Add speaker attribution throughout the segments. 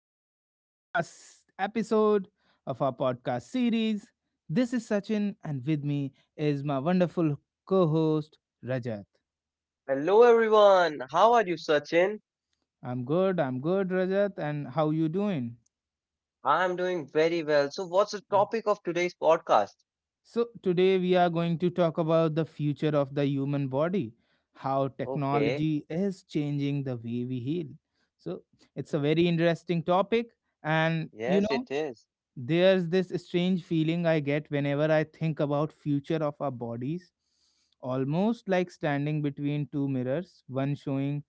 Speaker 1: another podcast episode of our podcast series. This is Sachin, and with me is my wonderful co host, Rajat.
Speaker 2: Hello everyone, how are you, Sachin?
Speaker 1: I'm good. I'm good, Rajat. And how you doing?
Speaker 2: I'm doing very well. So, what's the topic of today's podcast?
Speaker 1: So, today we are going to talk about the future of the human body, how
Speaker 2: Okay,
Speaker 1: technology is changing the way we heal. So, it's a very interesting topic. And, you
Speaker 2: yes,
Speaker 1: know,
Speaker 2: it is.
Speaker 1: There's this strange feeling I get whenever I think about future of our bodies, almost like standing between two mirrors, one showing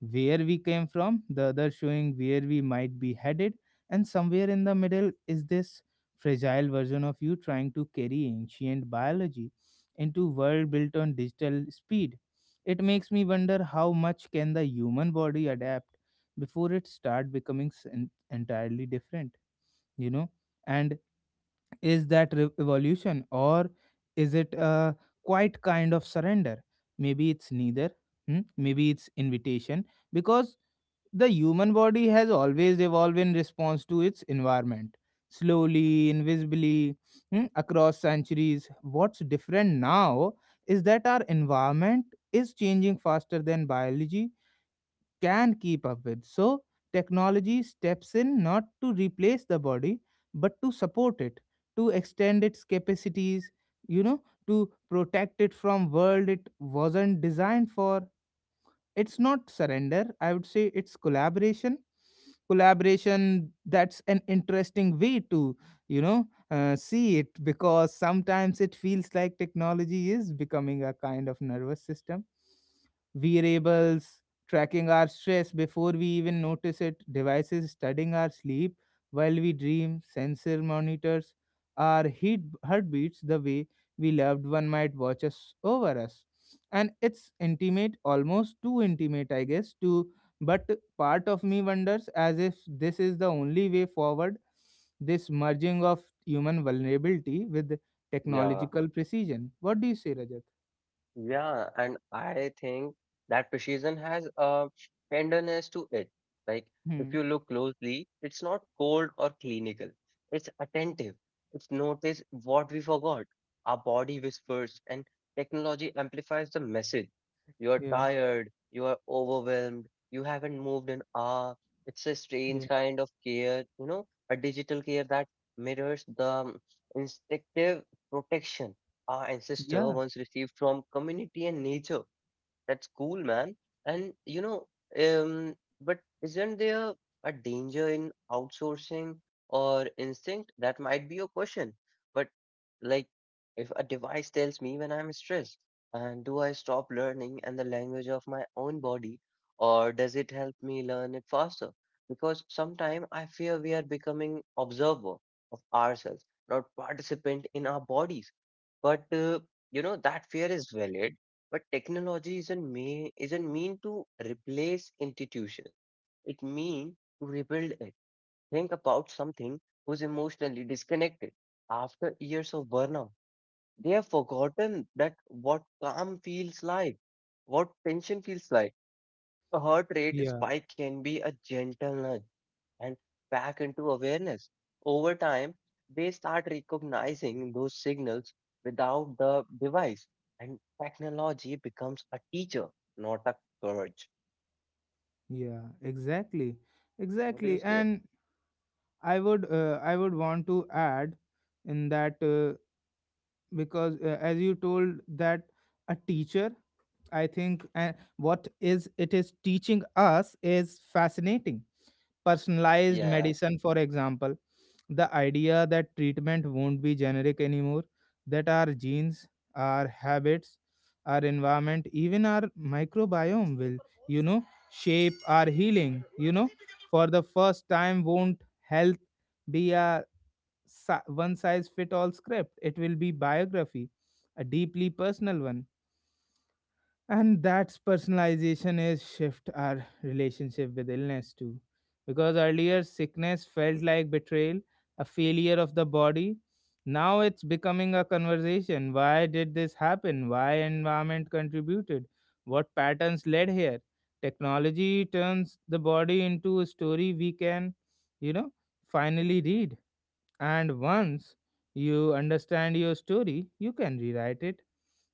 Speaker 1: where we came from, the other showing where we might be headed, and somewhere in the middle is this fragile version of you trying to carry ancient biology into world built on digital speed. It makes me wonder how much can the human body adapt before it start becoming entirely different, you know? and is that evolution or is it a quiet kind of surrender? Maybe it's neither. Hmm? Maybe it's invitation because the human body has always evolved in response to its environment, slowly, invisibly, across centuries. What's different now is that our environment is changing faster than biology can keep up with. So, technology steps in not to replace the body, but to support it, to extend its capacities, to protect it from world it wasn't designed for. It's not surrender. I would say it's collaboration. Collaboration that's an interesting way to see it because sometimes it feels like technology is becoming a kind of nervous system, variables tracking our stress before we even notice it, devices studying our sleep while we dream, sensor monitors our heat heartbeats the way we loved one might watch us over us. And it's intimate, almost too intimate, I guess, to, but part of me wonders as if this is the only way forward, this merging of human vulnerability with
Speaker 2: Yeah.
Speaker 1: technological precision. What do you say, Rajat?
Speaker 2: Yeah, and I think that precision has a tenderness to it. Like,
Speaker 1: Hmm.
Speaker 2: if you look closely, it's not cold or clinical. It's attentive. It's notice what we forgot. Our body whispers, and technology amplifies the message. You are
Speaker 1: Yeah,
Speaker 2: tired, you are overwhelmed, you haven't moved an hour. It's a
Speaker 1: yeah,
Speaker 2: strange kind of care, you know, a digital care that mirrors the instinctive protection our ancestor
Speaker 1: yeah,
Speaker 2: once received from community and nature. That's cool, man. And you know, but isn't there a danger in outsourcing or instinct? That might be your question. But like, if a device tells me when I'm stressed, and do I stop learning and the language of my own body, or does it help me learn it faster? Because sometimes I fear we are becoming observer of ourselves, not participant in our bodies. But you know, that fear is valid but technology isn't mean to replace institution. It means to rebuild it. Think about something who's emotionally disconnected. After years of burnout, they have forgotten that what calm feels like, what tension feels like. A heart rate
Speaker 1: yeah,
Speaker 2: spike can be a gentle nudge and back into awareness. Over time, they start recognizing those signals without the device, and technology becomes a teacher, not a coach.
Speaker 1: yeah. Exactly,
Speaker 2: What do you
Speaker 1: exactly.
Speaker 2: say?
Speaker 1: And I would want to add in that because as you told that a teacher, I think what is it is teaching us is fascinating. Personalized
Speaker 2: Yeah,
Speaker 1: medicine, for example, the idea that treatment won't be generic anymore, that our genes, our habits, our environment, even our microbiome will, you know, shape our healing. You know, for the first time, won't health be a one size fit all script? It will be biography, a deeply personal one. And that's personalization is shift our relationship with illness too, because earlier sickness felt like betrayal, a failure of the body. Now it's becoming a conversation. Why did this happen? Why environment contributed? What patterns led here? Technology turns the body into a story we can, you know finally read. And once you understand your story, you can rewrite it.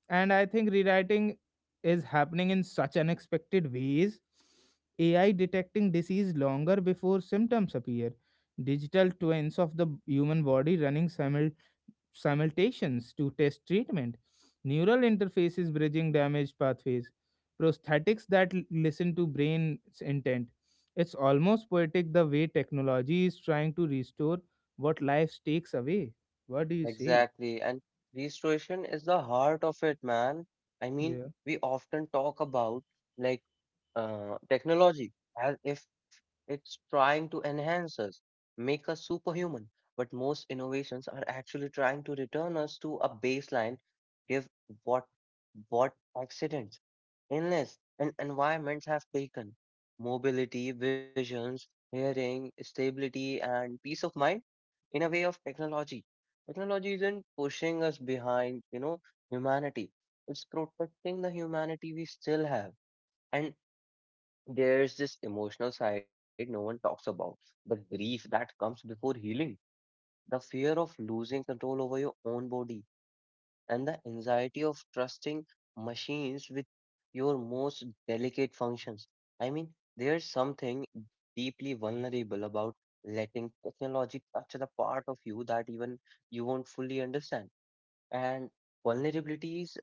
Speaker 1: And I think rewriting is happening in such unexpected ways. AI detecting disease longer before symptoms appear. Digital twins of the human body running simultations to test treatment, neural interfaces bridging damaged pathways, prosthetics that listen to brain's intent. It's almost poetic the way technology is trying to restore what life takes away. What do you say?
Speaker 2: exactly. And restoration is the heart of it, man. I mean,
Speaker 1: Yeah,
Speaker 2: we often talk about like technology as if it's trying to enhance us, make us superhuman. But most innovations are actually trying to return us to a baseline, give what what accidents, illness, and environments have taken. Mobility, visions, hearing, stability, and peace of mind in a way of technology. Technology isn't pushing us behind, you know, humanity. It's protecting the humanity we still have. And there's this emotional side no one talks about, the grief that comes before healing, the fear of losing control over your own body, and the anxiety of trusting machines with your most delicate functions. I mean, there's something deeply vulnerable about letting technology touch the part of you that even you won't fully understand. And vulnerability is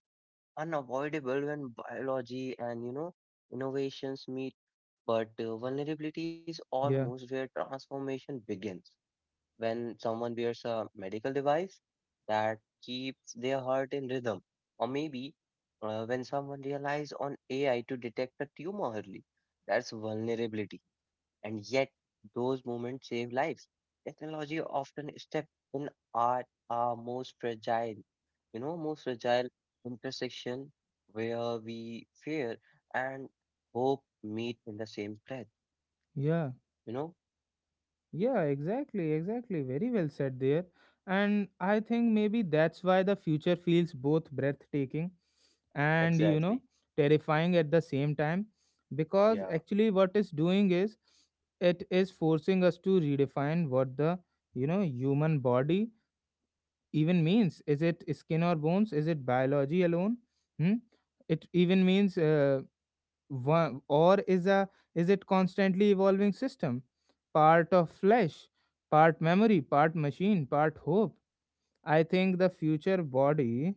Speaker 2: unavoidable when biology and, you know, innovations meet but vulnerability is almost
Speaker 1: yeah,
Speaker 2: where transformation begins when someone wears a medical device that keeps their heart in rhythm, or maybe when someone relies on AI to detect a tumor early. That's vulnerability. And yet, those moments save lives. Technology often steps in art our most fragile, you know, most fragile intersection where we fear and hope meet in the same breath,
Speaker 1: yeah.
Speaker 2: you know?
Speaker 1: Yeah, exactly, exactly. Very well said there. And I think maybe that's why the future feels both breathtaking and,
Speaker 2: Exactly.
Speaker 1: terrifying at the same time. Because
Speaker 2: Yeah.
Speaker 1: actually, what it's doing is, it is forcing us to redefine what the, human body even means. Is it skin or bones? Is it biology alone? Hmm? It even means one, or is a, is it constantly evolving system, part of flesh, part memory, part machine, part hope? I think the future body,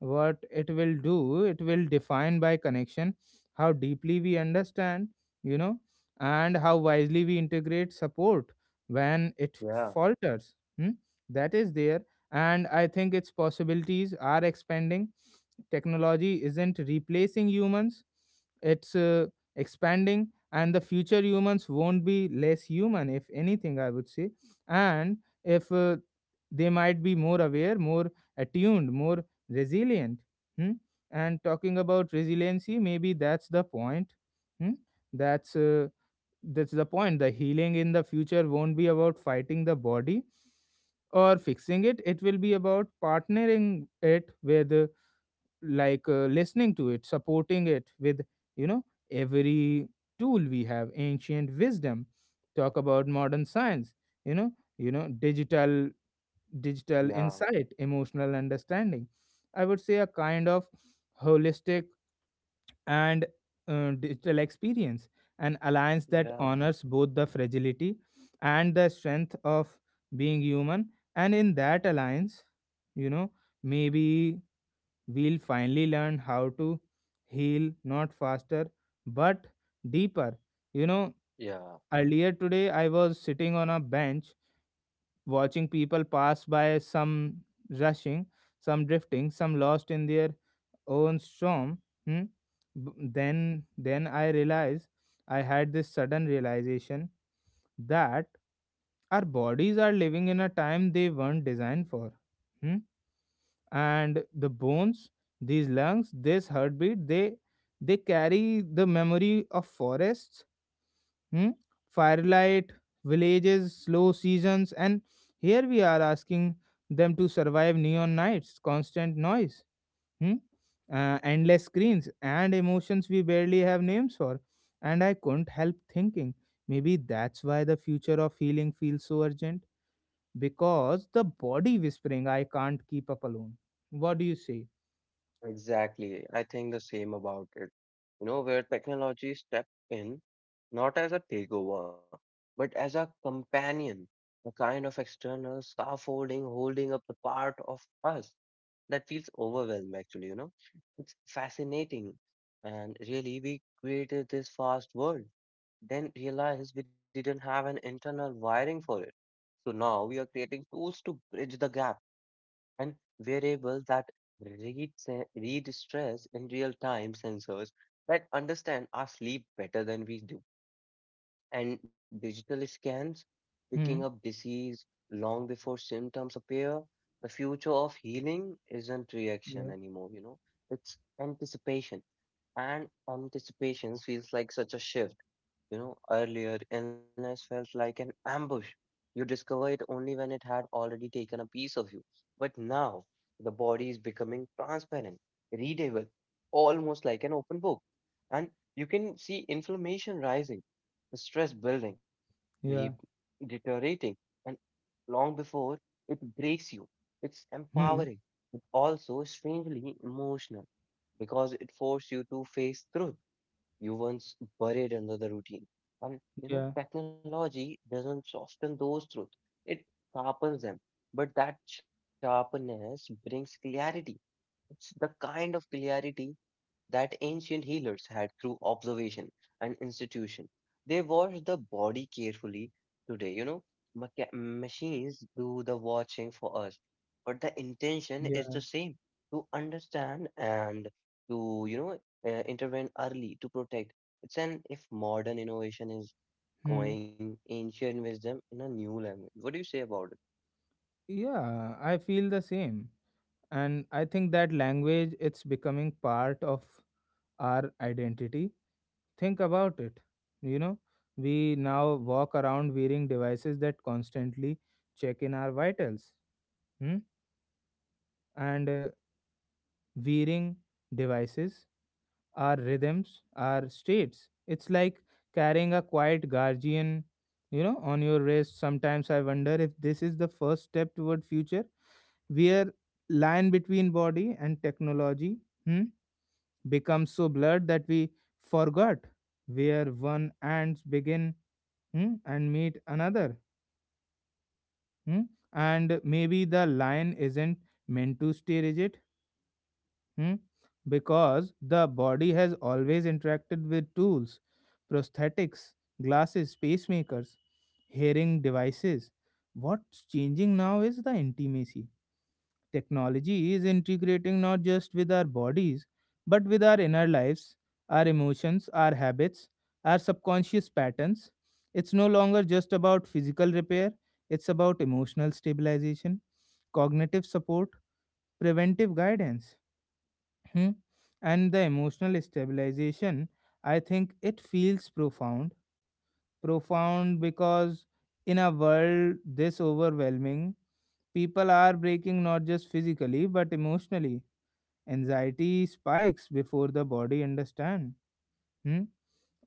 Speaker 1: what it will do, it will define by connection, how deeply we understand, you know and how wisely we integrate support when it
Speaker 2: Yeah,
Speaker 1: falters. Hmm? That is there. And I think its possibilities are expanding. Technology isn't replacing humans, it's expanding. And the future humans won't be less human. If anything, I would say, and if they might be more aware, more attuned, more resilient. hmm? And talking about resiliency, maybe that's the point. hmm? that's uh, that's the point. The healing in the future won't be about fighting the body or fixing it. It will be about partnering it with, listening to it, supporting it with, you know every tool we have, ancient wisdom, talk about modern science, you know you know digital digital
Speaker 2: yeah.
Speaker 1: insight, emotional understanding. I would say a kind of holistic and digital experience, an alliance that
Speaker 2: Yeah,
Speaker 1: honors both the fragility and the strength of being human. And in that alliance, you know, maybe we'll finally learn how to heal not faster but deeper. You know,
Speaker 2: yeah,
Speaker 1: earlier today I was sitting on a bench watching people pass by, some rushing, some drifting, some lost in their own storm. Hmm? Then I realized, I had this sudden realization that our bodies are living in a time they weren't designed for. Hmm? And the bones, these lungs, this heartbeat, they carry the memory of forests, Hmm? firelight, villages, slow seasons, and here we are asking them to survive neon nights, constant noise, hmm? Endless screens, and emotions we barely have names for. And I couldn't help thinking maybe that's why the future of healing feels so urgent because the body whispering, I can't keep up alone. What do you say?
Speaker 2: exactly. I think the same about it. You know, where technology step in not as a takeover, but as a companion, a kind of external scaffolding holding up the part of us that feels overwhelmed, actually, you know. It's fascinating. And really, we created this fast world, then realized we didn't have an internal wiring for it. So now we are creating tools to bridge the gap and variables that read stress in real time sensors that understand our sleep better than we do, and digital scans picking
Speaker 1: Hmm?
Speaker 2: up disease long before symptoms appear. The future of healing isn't
Speaker 1: Yeah,
Speaker 2: reaction anymore, you know, it's anticipation, and anticipation feels like such a shift you know, earlier, illness felt like an ambush. You discover it only when it had already taken a piece of you. But now, the body is becoming transparent, readable, almost like an open book. And you can see inflammation rising, stress building, re-
Speaker 1: yeah,
Speaker 2: deteriorating, and long before it breaks you. It's
Speaker 1: hmm,
Speaker 2: empowering, but also strangely emotional because it forces you to face truth you once buried under the routine. And you know,
Speaker 1: yeah,
Speaker 2: technology doesn't soften those truths, it sharpens them. But that sharpness brings clarity. It's the kind of clarity that ancient healers had through observation and institution. They watched the body carefully today, you know. Machines do the watching for us, but the intention is
Speaker 1: yeah,
Speaker 2: the same to understand and to, you know, intervene early to protect. It's an if modern innovation is
Speaker 1: hmm.
Speaker 2: going ancient wisdom in a new language. What do you say about it?
Speaker 1: Yeah, I feel the same. And I think that language, it's becoming part of our identity. Think about it, you know, we now walk around wearing devices that constantly check in our vitals. Hmm? And Wearing devices, our rhythms, our states, it's like carrying a quiet guardian, you know, on your wrist. Sometimes I wonder if this is the first step toward future where line between body and technology Hmm. becomes so blurred that we forgot where one ants begin, and meet another. Hmm. And maybe the line isn't meant to stay rigid. Hmm? Because the body has always interacted with tools, prosthetics, glasses, pacemakers, hearing devices. What's changing now is the intimacy. Technology is integrating not just with our bodies, but with our inner lives, our emotions, our habits, our subconscious patterns. It's no longer just about physical repair, it's about emotional stabilization, cognitive support, preventive guidance. Hmm? And the emotional stabilization, I think it feels profound. Profound because in a world this overwhelming, people are breaking not just physically but emotionally. Anxiety spikes before the body understand. Hmm?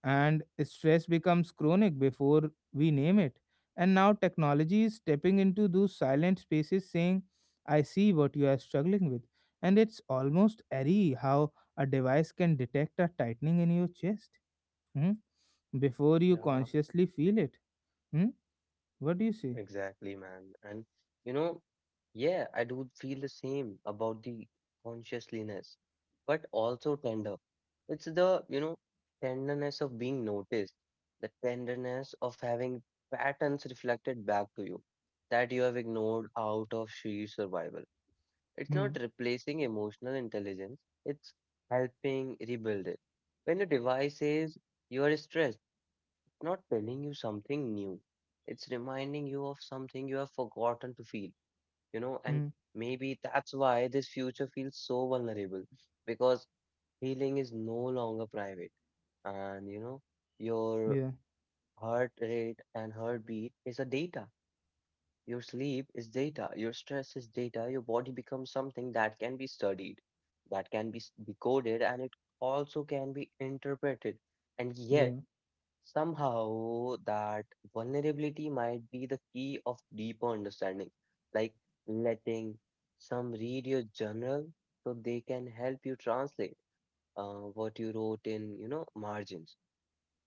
Speaker 1: And stress becomes chronic before we name it. And now technology is stepping into those silent spaces saying, I see what you are struggling with. And it's almost eerie how a device can detect a tightening in your chest, hmm, before you
Speaker 2: Yeah,
Speaker 1: consciously feel it. Hmm? What do you say?
Speaker 2: exactly, man. And you know, yeah, I do feel the same about the consciousness, but also tender. It's the, you know, tenderness of being noticed, the tenderness of having patterns reflected back to you that you have ignored out of sheer survival. It's
Speaker 1: Hmm.
Speaker 2: not replacing emotional intelligence, it's helping rebuild it. When the device says you are stressed, not telling you something new. It's reminding you of something you have forgotten to feel, you know, and
Speaker 1: Hmm.
Speaker 2: maybe that's why this future feels so vulnerable because healing is no longer private. And, you know, your
Speaker 1: Yeah.
Speaker 2: heart rate and heartbeat is a data. Your sleep is data. Your stress is data. Your body becomes something that can be studied, that can be decoded, and it also can be interpreted. And yet,
Speaker 1: Yeah.
Speaker 2: somehow, that vulnerability might be the key of deeper understanding, like letting some read your journal so they can help you translate what you wrote in, you know, margins.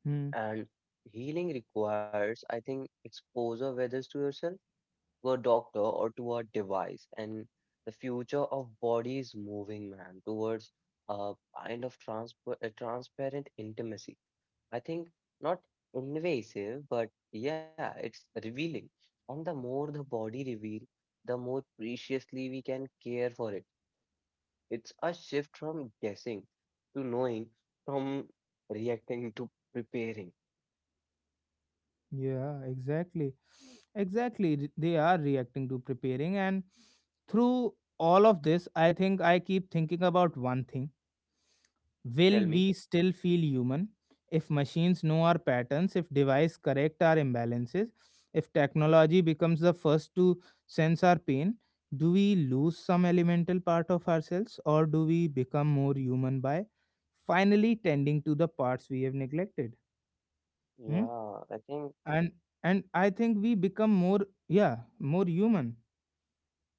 Speaker 1: Hmm.
Speaker 2: And healing requires, I think, exposure, whether it's to yourself, to a doctor, or to a device. And the future of body is moving, man, towards a kind of a transparent intimacy I think not invasive, but yeah, it's revealing. And the more the body reveal, the more preciously we can care for it. It's a shift from guessing to knowing, from reacting to preparing.
Speaker 1: Yeah, exactly. Exactly. They are reacting to preparing. And through all of this, I think I keep thinking about one thing. Will
Speaker 2: Tell
Speaker 1: we
Speaker 2: me.
Speaker 1: still feel human if machines know our patterns, if device correct our imbalances, if technology becomes the first to sense our pain? Do we lose some elemental part of ourselves, or do we become more human by finally tending to the parts we have neglected? Hmm?
Speaker 2: Yeah, I think,
Speaker 1: and and I think we become more, yeah, more human,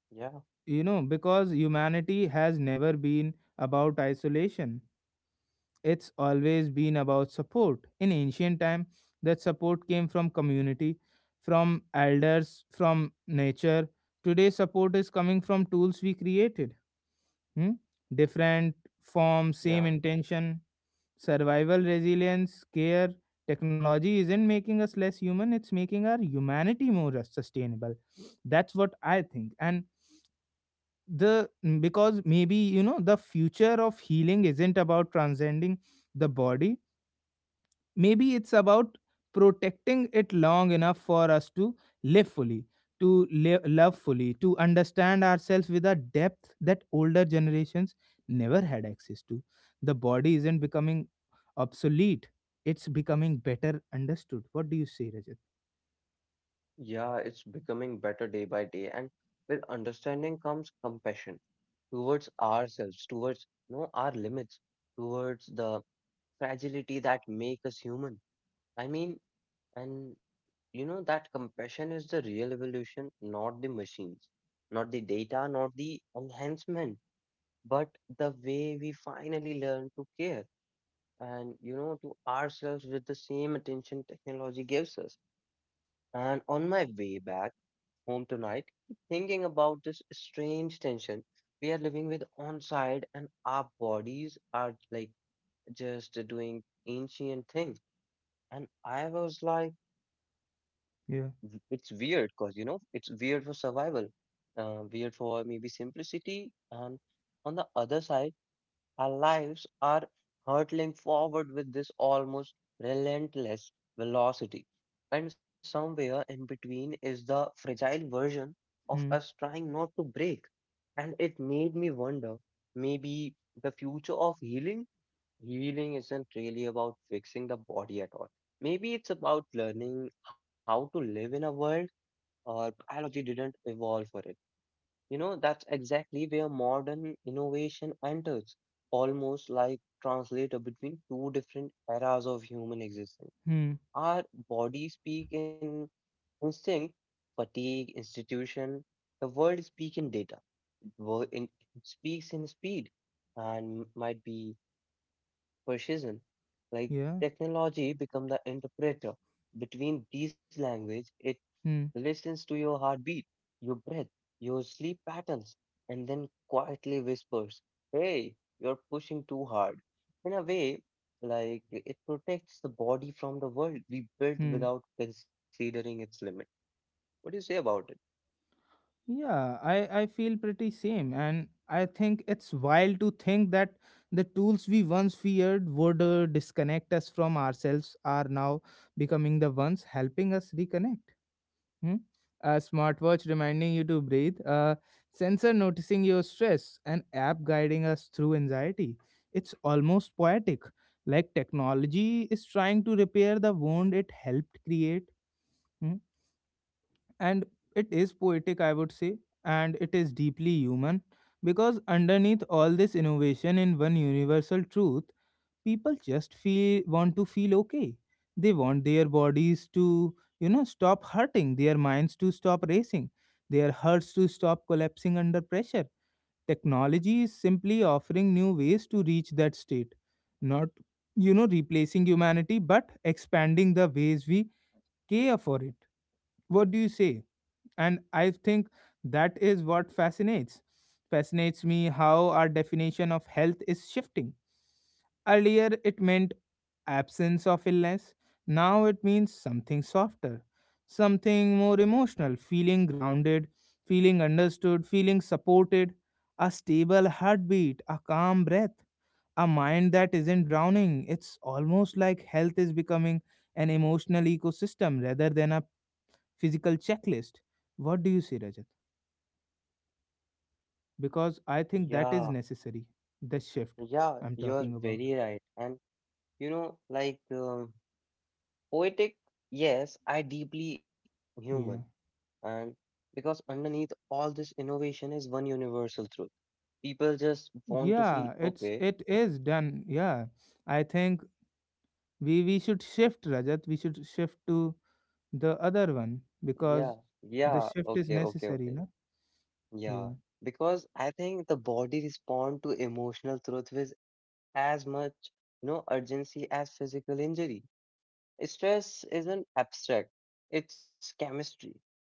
Speaker 2: yeah,
Speaker 1: you know, because humanity has never been about isolation. It's always been about support. In ancient time, that support came from community, from elders, from nature. Today support is coming from tools we created. Hmm? Different
Speaker 2: yeah,
Speaker 1: form, same intention. Survival, resilience, care, technology isn't making us less human, it's making our humanity more sustainable. That's what I think. And the because maybe, you know, the future of healing isn't about transcending the body. Maybe it's about protecting it long enough for us to live fully, to live, love fully, to understand ourselves with a depth that older generations never had access to. The body isn't becoming obsolete, it's becoming better understood. What do you say, Rajat?
Speaker 2: yeah, it's becoming better day by day, and with understanding comes compassion towards ourselves, towards you know, our limits, towards the fragility that make us human. I mean, and you know that compassion is the real evolution, not the machines, not the data, not the enhancement, but the way we finally learn to care and you know to ourselves with the same attention technology gives us. And on my way back home tonight, keep thinking about this strange tension we are living with on side and our bodies are like just doing ancient things. And I was like,
Speaker 1: Yeah.
Speaker 2: It's weird because, you know, it's weird for survival, weird for maybe simplicity. And on the other side, our lives are hurtling forward with this almost relentless velocity. And somewhere in between is the fragile version of
Speaker 1: Hmm.
Speaker 2: us trying not to break. And it made me wonder, maybe the future of healing healing isn't really about fixing the body at all. Maybe it's about learning how to live in a world or biology didn't evolve for it. You know, that's exactly where modern innovation enters, almost like translator between two different eras of human existence.
Speaker 1: Hmm.
Speaker 2: Our bodies speak in instinct, fatigue, institution. The world speak in data. Wo- in- It speaks in speed and might be precision. Like
Speaker 1: Yeah.
Speaker 2: technology become the interpreter between these language. It
Speaker 1: Hmm.
Speaker 2: listens to your heartbeat, your breath, your sleep patterns, and then quietly whispers, "Hey, you're pushing too hard." In a way, like it protects the body from the world we built
Speaker 1: Hmm.
Speaker 2: without considering its limit. What do you say about it?
Speaker 1: Yeah, I feel pretty same. And I think it's wild to think that the tools we once feared would disconnect us from ourselves are now becoming the ones helping us reconnect. Hmm? A smartwatch reminding you to breathe, a sensor noticing your stress, an app guiding us through anxiety. It's almost poetic, like technology is trying to repair the wound it helped create. Hmm? And it is poetic, I would say, and it is deeply human, because underneath all this innovation in one universal truth, people just feel want to feel okay. They want their bodies to stop hurting, their minds to stop racing, their hearts to stop collapsing under pressure. Technology is simply offering new ways to reach that state, not replacing humanity but expanding the ways we care for it. What do you say? And I think that is what fascinates me, how our definition of health is shifting. Earlier it meant absence of illness. Now it means something softer, something more emotional, feeling grounded, feeling understood, feeling supported, a stable heartbeat, a calm breath, a mind that isn't drowning. It's almost like health is becoming an emotional ecosystem rather than a physical checklist. What do you say, Rajat? Because I think that is
Speaker 2: Yeah,
Speaker 1: necessary. The shift
Speaker 2: yeah,
Speaker 1: I'm
Speaker 2: you're
Speaker 1: talking about.
Speaker 2: very right. And you know, poetic, yes, I deeply human.
Speaker 1: Yeah.
Speaker 2: And because underneath all this innovation is one universal truth. People just want to feel
Speaker 1: Yeah, it's
Speaker 2: okay.
Speaker 1: it is done. Yeah. I think we should shift, Rajat. We should shift to the other one,
Speaker 2: Yeah,
Speaker 1: because
Speaker 2: yeah,
Speaker 1: the shift
Speaker 2: okay,
Speaker 1: is
Speaker 2: okay, okay.
Speaker 1: necessary, no?
Speaker 2: Yeah.
Speaker 1: Yeah.
Speaker 2: Because I think the body respond to emotional truth with as much, you know, urgency as physical injury. Stress isn't abstract, it's chemistry.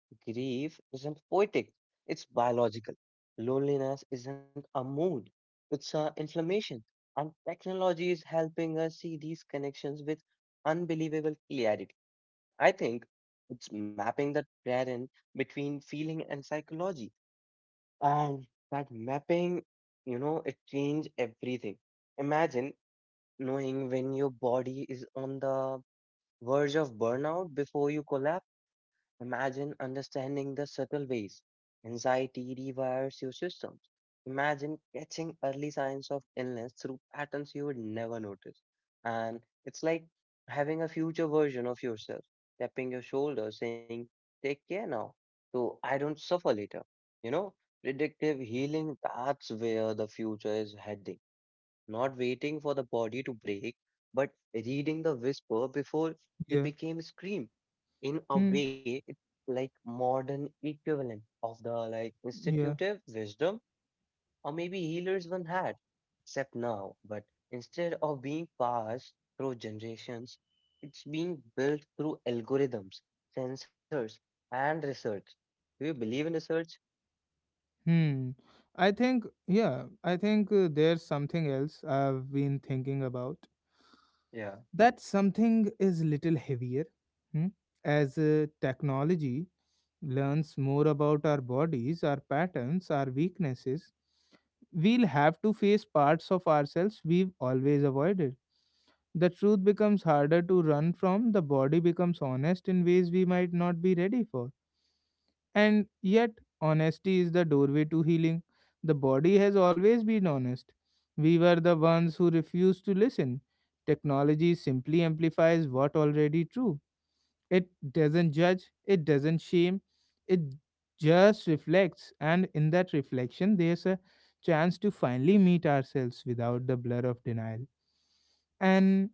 Speaker 2: Grief isn't poetic, it's biological. Loneliness isn't a mood, it's an inflammation. And technology is helping us see these connections with unbelievable clarity. I think it's mapping the terrain between feeling and psychology. And that mapping, you know, it changes everything. Imagine knowing when your body is on the verge of burnout before you collapse? Imagine understanding the subtle ways anxiety rewires your systems. Imagine catching early signs of illness through patterns you would never notice. And it's like having a future version of yourself tapping your shoulder saying, take care now, so I don't suffer later. You know, predictive healing, that's where the future is heading not waiting for the body to break, but reading the whisper before they
Speaker 1: Yeah.
Speaker 2: became scream. In a
Speaker 1: Hmm.
Speaker 2: way, it's like modern equivalent of the like
Speaker 1: Yeah.
Speaker 2: institutive wisdom or maybe healers one had, except now. But instead of being passed through generations, it's being built through algorithms, sensors, and research. Do you believe in research?
Speaker 1: Hmm. I think yeah, I think there's something else I've been thinking about.
Speaker 2: Yeah.
Speaker 1: That something is little heavier. Hmm? As technology learns more about our bodies, our patterns, our weaknesses, we'll have to face parts of ourselves we've always avoided. The truth becomes harder to run from, the body becomes honest in ways we might not be ready for. And yet, honesty is the doorway to healing. The body has always been honest. We were the ones who refused to listen. Technology simply amplifies what already true. It doesn't judge, it doesn't shame, it just reflects. And in that reflection, there's a chance to finally meet ourselves without the blur of denial. And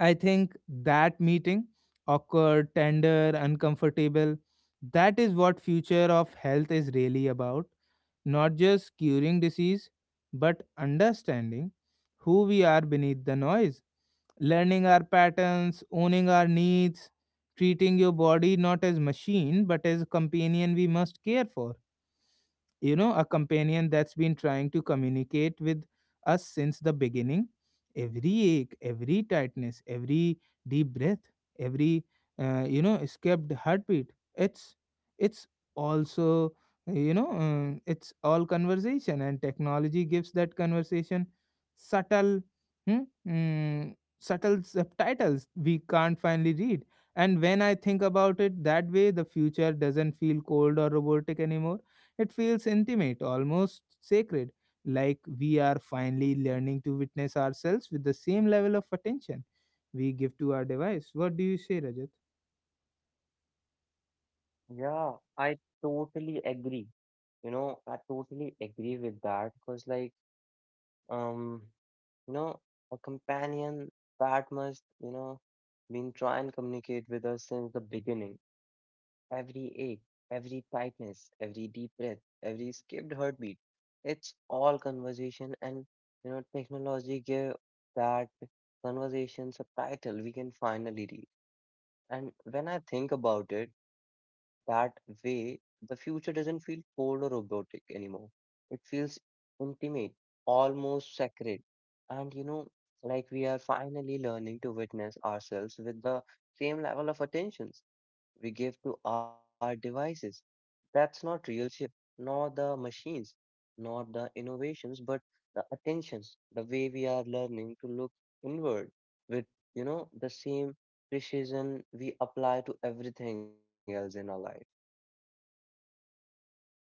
Speaker 1: I think that meeting, awkward, tender, uncomfortable, that is what future of health is really about. Not just curing disease, but understanding who we are beneath the noise, learning our patterns, owning our needs, treating your body not as machine but as a companion we must care for, a companion that's been trying to communicate with us since the beginning. Every ache, every tightness, every deep breath, every escaped heartbeat. It's also, it's all conversation, and technology gives that conversation subtle, hmm, subtle subtitles we can't finally read. And when I think about it that way, the future doesn't feel cold or robotic anymore. It feels intimate, almost sacred, like we are finally learning to witness ourselves with the same level of attention we give to our device. What do you say, Rajat?
Speaker 2: Yeah, I totally agree. You know, I totally agree with that because, um, you know, a companion that must, you know, been try and communicate with us since the beginning. Every ache, every tightness, every deep breath, every skipped heartbeat. It's all conversation, and you know, technology give that conversation subtitle we can finally read. And when I think about it that way, the future doesn't feel cold or robotic anymore. It feels intimate, almost sacred. And like we are finally learning to witness ourselves with the same level of attentions we give to our devices. That's not real shift, nor the machines, nor the innovations, but the attentions, the way we are learning to look inward with, the same precision we apply to everything else in our life.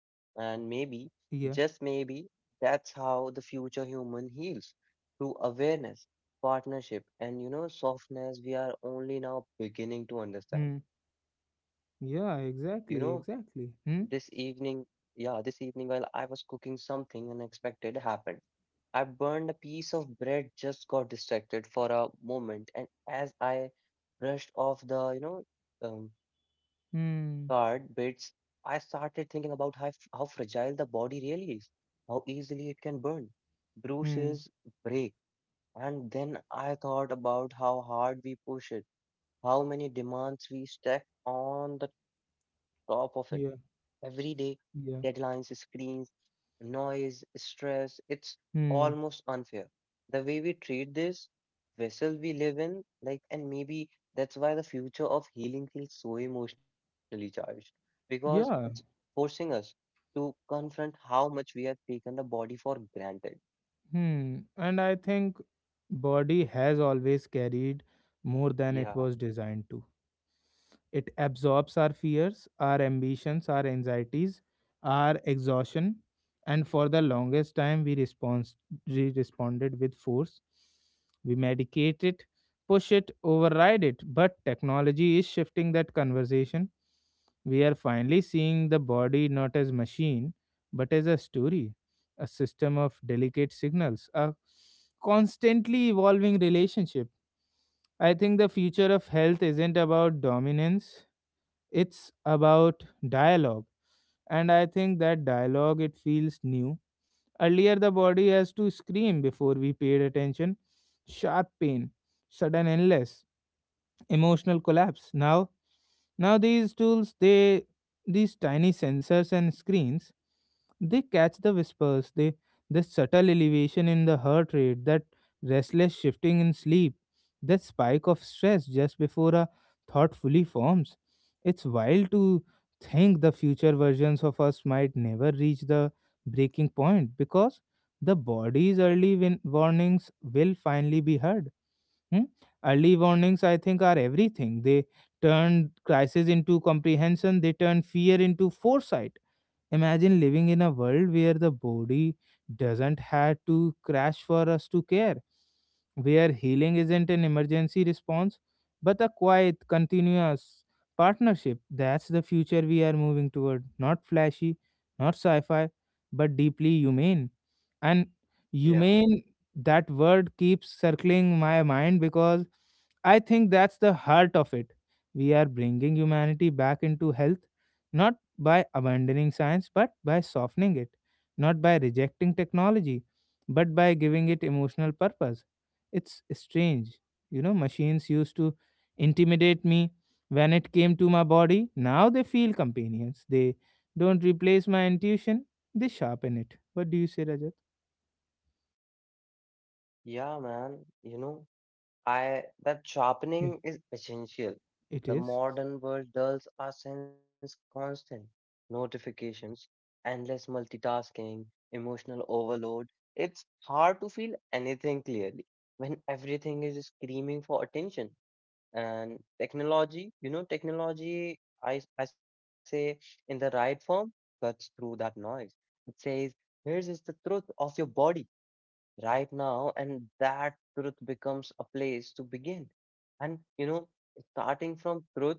Speaker 2: And maybe,
Speaker 1: Yeah.
Speaker 2: just maybe, that's how the future human heals through awareness, partnership, and softness. We are only now beginning to understand.
Speaker 1: Hmm.
Speaker 2: You know,
Speaker 1: Yeah, exactly,
Speaker 2: this
Speaker 1: exactly.
Speaker 2: evening,
Speaker 1: Hmm.
Speaker 2: yeah, this evening, while I was cooking, something unexpected happened. I burned a piece of bread, just got distracted for a moment, and as I brushed off the, um, card
Speaker 1: Hmm.
Speaker 2: bits, I started thinking about how fragile the body really is, how easily it can burn,
Speaker 1: Hmm.
Speaker 2: bruises, break. And then I thought about how hard we push it, how many demands we stack on the top of it every
Speaker 1: Yeah.
Speaker 2: day. Deadlines,
Speaker 1: Yeah.
Speaker 2: screens, noise, stress. It's
Speaker 1: Hmm.
Speaker 2: almost unfair the way we treat this vessel we live in, like, and maybe that's why the future of healing feels so emotionally charged because it's
Speaker 1: Yeah.
Speaker 2: forcing us to confront how much we have taken the body for granted.
Speaker 1: Hmm. And I think body has always carried more than it
Speaker 2: Yeah,
Speaker 1: was designed to. It absorbs our fears, our ambitions, our anxieties, our exhaustion, and for the longest time we responded with force. We medicate it, push it, override it. But technology is shifting that conversation. We are finally seeing the body not as machine, but as a story, a system of delicate signals, a constantly evolving relationship. I think the future of health isn't about dominance, it's about dialogue. And I think that dialogue, it feels new. Earlier the body has to scream before we paid attention, sharp pain, sudden illness, emotional collapse. Now, these tools, they these tiny sensors and screens, they catch the whispers, the subtle elevation in the heart rate, that restless shifting in sleep, that spike of stress just before a thought fully forms. It's wild to think the future versions of us might never reach the breaking point, because the body's early warnings will finally be heard. Hmm? Early warnings, I think, are everything. They turn crisis into comprehension, they turn fear into foresight. Imagine living in a world where the body doesn't have to crash for us to care, where healing isn't an emergency response, but a quiet, continuous partnership. That's the future we are moving toward. Not flashy, not sci fi, but deeply humane. And
Speaker 2: yeah.
Speaker 1: humane, that word keeps circling my mind, because I think that's the heart of it. We are bringing humanity back into health, not by abandoning science, but by softening it, not by rejecting technology, but by giving it emotional purpose. It's strange. You know, machines used to intimidate me when it came to my body. Now they feel companions. They don't replace my intuition, they sharpen it. What do you say, Rajat?
Speaker 2: Yeah, man, I that
Speaker 1: Yeah,
Speaker 2: sharpening is essential.
Speaker 1: it
Speaker 2: The
Speaker 1: is.
Speaker 2: modern world dulls our sense constant notifications, endless multitasking, emotional overload. It's hard to feel anything clearly when everything is screaming for attention. And technology, I say in the right form, cuts through that noise. It says, here's is the truth of your body right now, and that truth becomes a place to begin. And starting from truth,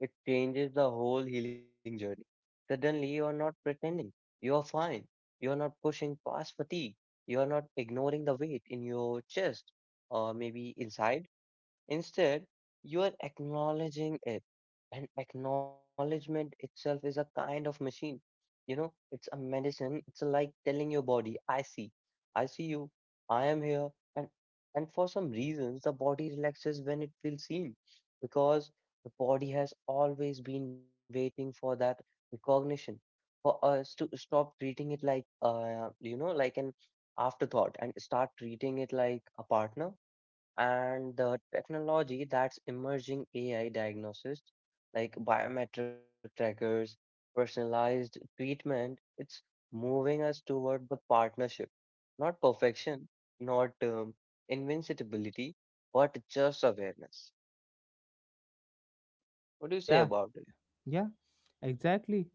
Speaker 2: it changes the whole healing journey. Suddenly you are not pretending you are fine, you are not pushing past fatigue, you are not ignoring the weight in your chest or maybe inside. Instead, you are acknowledging it. And acknowledgement itself is a kind of machine. It's a medicine. It's like telling your body, I see you, I am here. And for some reasons the body relaxes when it feels seen. Because the body has always been waiting for that recognition. For us to stop treating it like like an afterthought and start treating it like a partner. And the technology that's emerging, AI diagnosis, like biometric trackers, personalized treatment, it's moving us toward the partnership, not perfection, not invincibility, but just awareness. What do you say
Speaker 1: Yeah,
Speaker 2: about it?
Speaker 1: yeah, exactly.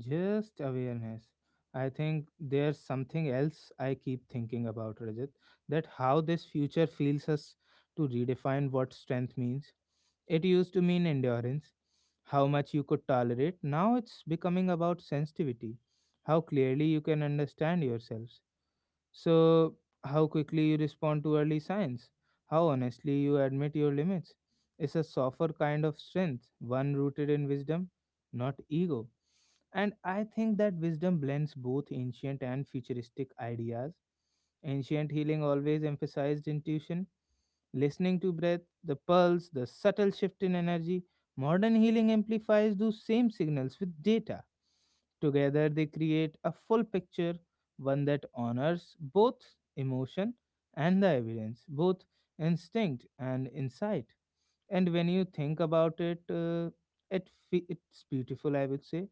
Speaker 1: Just awareness. I think there's something else I keep thinking about, Rajat, that how this future feels us to redefine what strength means. It used to mean endurance, how much you could tolerate. Now it's becoming about sensitivity, how clearly you can understand yourself. So, how quickly you respond to early signs, how honestly you admit your limits. It's a softer kind of strength, one rooted in wisdom, not ego. And I think that wisdom blends both ancient and futuristic ideas. Ancient healing always emphasized intuition, listening to breath, the pulse, the subtle shift in energy. Modern healing amplifies those same signals with data. Together, they create a full picture, one that honors both emotion and the evidence, both instinct and insight. And when you think about it, it's beautiful, I would say.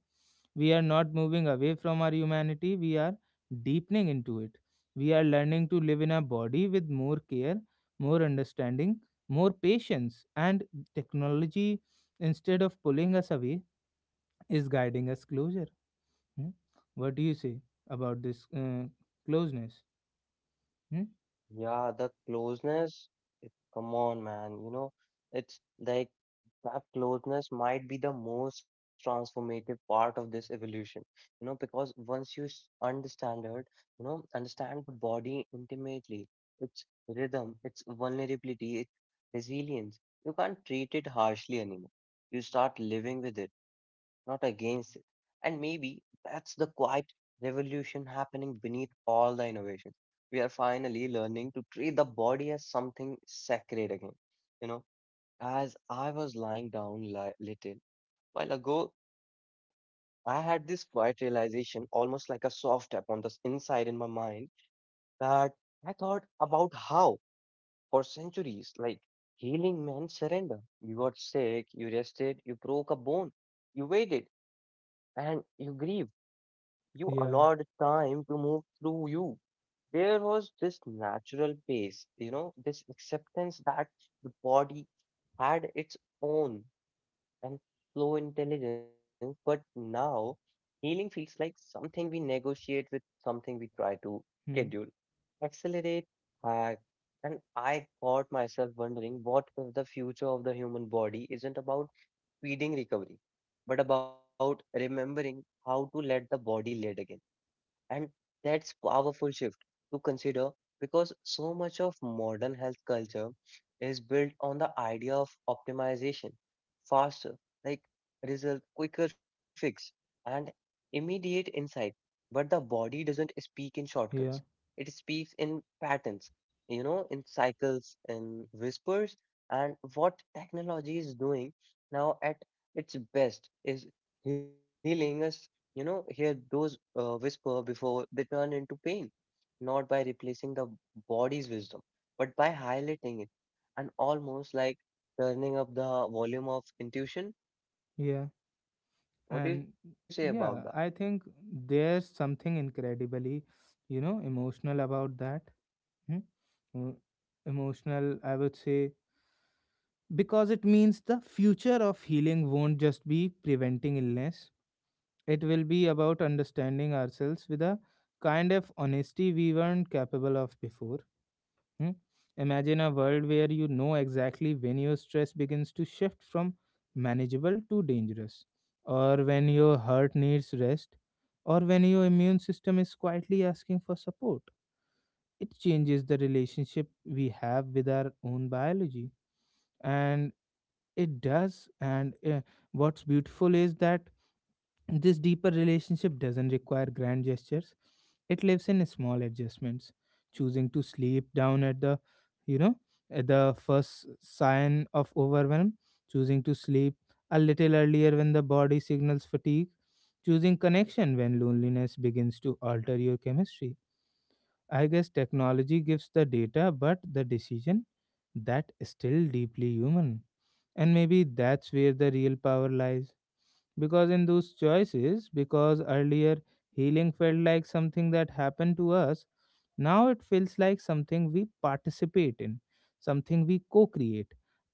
Speaker 1: We are not moving away from our humanity, we are deepening into it. We are learning to live in a body with more care, more understanding, more patience, and technology, instead of pulling us away, is guiding us closer. Hmm? What do you say about this closeness? Hmm?
Speaker 2: Yeah, the closeness, it, come on, man, it's like that closeness might be the most transformative part of this evolution, because once understand it, understand the body intimately, its rhythm, its vulnerability, its resilience, you can't treat it harshly anymore. You start living with it, not against it. And maybe that's the quiet revolution happening beneath all the innovations. We are finally learning to treat the body as something sacred again. You know, as I was lying down li little while ago, I had this quiet realization, almost like a soft tap on inside in my mind, that I thought about how, for centuries, like healing meant surrender. You got sick, you rested, you broke a bone, you waited, and you grieved. You allowed
Speaker 1: Yeah.
Speaker 2: time to move through you. There was this natural pace, this acceptance that the body had its own and slow intelligence, but now healing feels like something we negotiate with, something we try to
Speaker 1: Hmm.
Speaker 2: schedule, accelerate, hack. And I caught myself wondering, what if the future of the human body isn't about speeding recovery, but about remembering how to let the body lead again? And that's powerful shift to consider because so much of modern health culture is built on the idea of optimization, faster, like result, quicker fix, and immediate insight. But the body doesn't speak in shortcuts.
Speaker 1: Yeah,
Speaker 2: It speaks in patterns, in cycles, in whispers. And what technology is doing now at its best is healing us, hear those whisper before they turn into pain, not by replacing the body's wisdom, but by highlighting it, and almost like turning up the volume of intuition.
Speaker 1: yeah.
Speaker 2: What do you say
Speaker 1: And
Speaker 2: about that?
Speaker 1: yeah, I think there's something incredibly, emotional about that. Hmm? Uh, Emotional, I would say, because it means the future of healing won't just be preventing illness, it will be about understanding ourselves with a kind of honesty we weren't capable of before. Hmm? Imagine a world where you know exactly when your stress begins to shift from manageable to dangerous, or when your heart needs rest, or when your immune system is quietly asking for support. It changes the relationship we have with our own biology, and it does. And what's beautiful is that this deeper relationship doesn't require grand gestures. It lives in small adjustments, choosing to sleep down you know, at the first sign of overwhelm, choosing to sleep a little earlier when the body signals fatigue, choosing connection when loneliness begins to alter your chemistry. I guess technology gives the data, but the decision, that is still deeply human. And maybe that's where the real power lies, because in those choices, because earlier healing felt like something that happened to us, now it feels like something we participate in, something we co-create,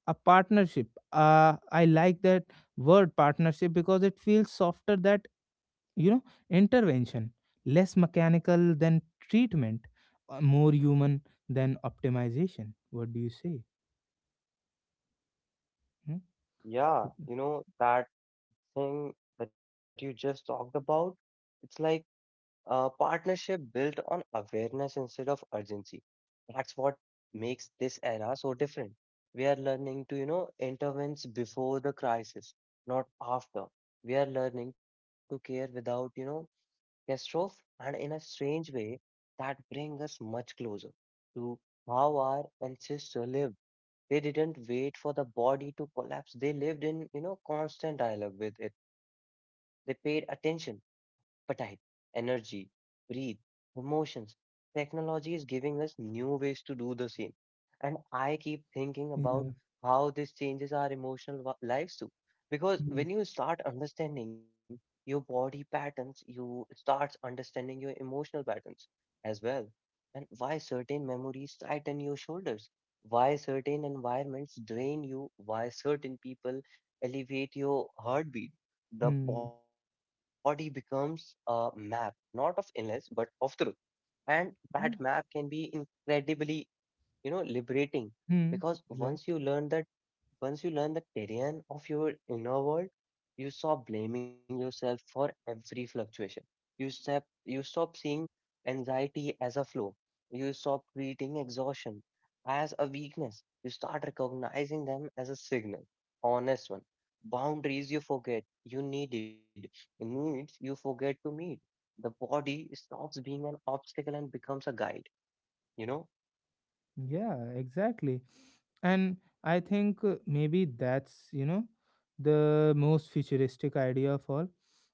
Speaker 1: a partnership. I like that word partnership, because it feels softer that you know intervention, less mechanical than treatment, more human than optimization. What do you say? Hmm?
Speaker 2: Yeah, that thing that you just talked about, it's like a partnership built on awareness instead of urgency. That's what makes this era so different. We are learning to, intervene before the crisis, not after. We are learning to care without, catastrophe, and in a strange way, that brings us much closer to how our ancestors lived. They didn't wait for the body to collapse. They lived in, constant dialogue with it. They paid attention appetite, energy, breathe, emotions. Technology is giving us new ways to do the same. And I keep thinking about
Speaker 1: Yeah.
Speaker 2: how this changes our lives too. Because
Speaker 1: Hmm.
Speaker 2: when you start understanding your body patterns, you start understanding your emotional patterns as well. And why certain memories tighten your shoulders, why certain environments drain you, why certain people elevate your heartbeat, the
Speaker 1: Hmm.
Speaker 2: body becomes a map, not of illness, but of truth. And that map
Speaker 1: Yeah.
Speaker 2: can be incredibly, liberating
Speaker 1: Hmm.
Speaker 2: because
Speaker 1: Right.
Speaker 2: once you learn the terrain of your inner world, you stop blaming yourself for every fluctuation. You stop seeing anxiety as a flaw. You stop treating exhaustion as a weakness. You start recognizing them as a signal, honest one. Boundaries you forget you needs you forget to meet. The body stops being an obstacle and becomes a guide, you know?
Speaker 1: Yeah, exactly. And I think maybe that's, the most futuristic idea of all.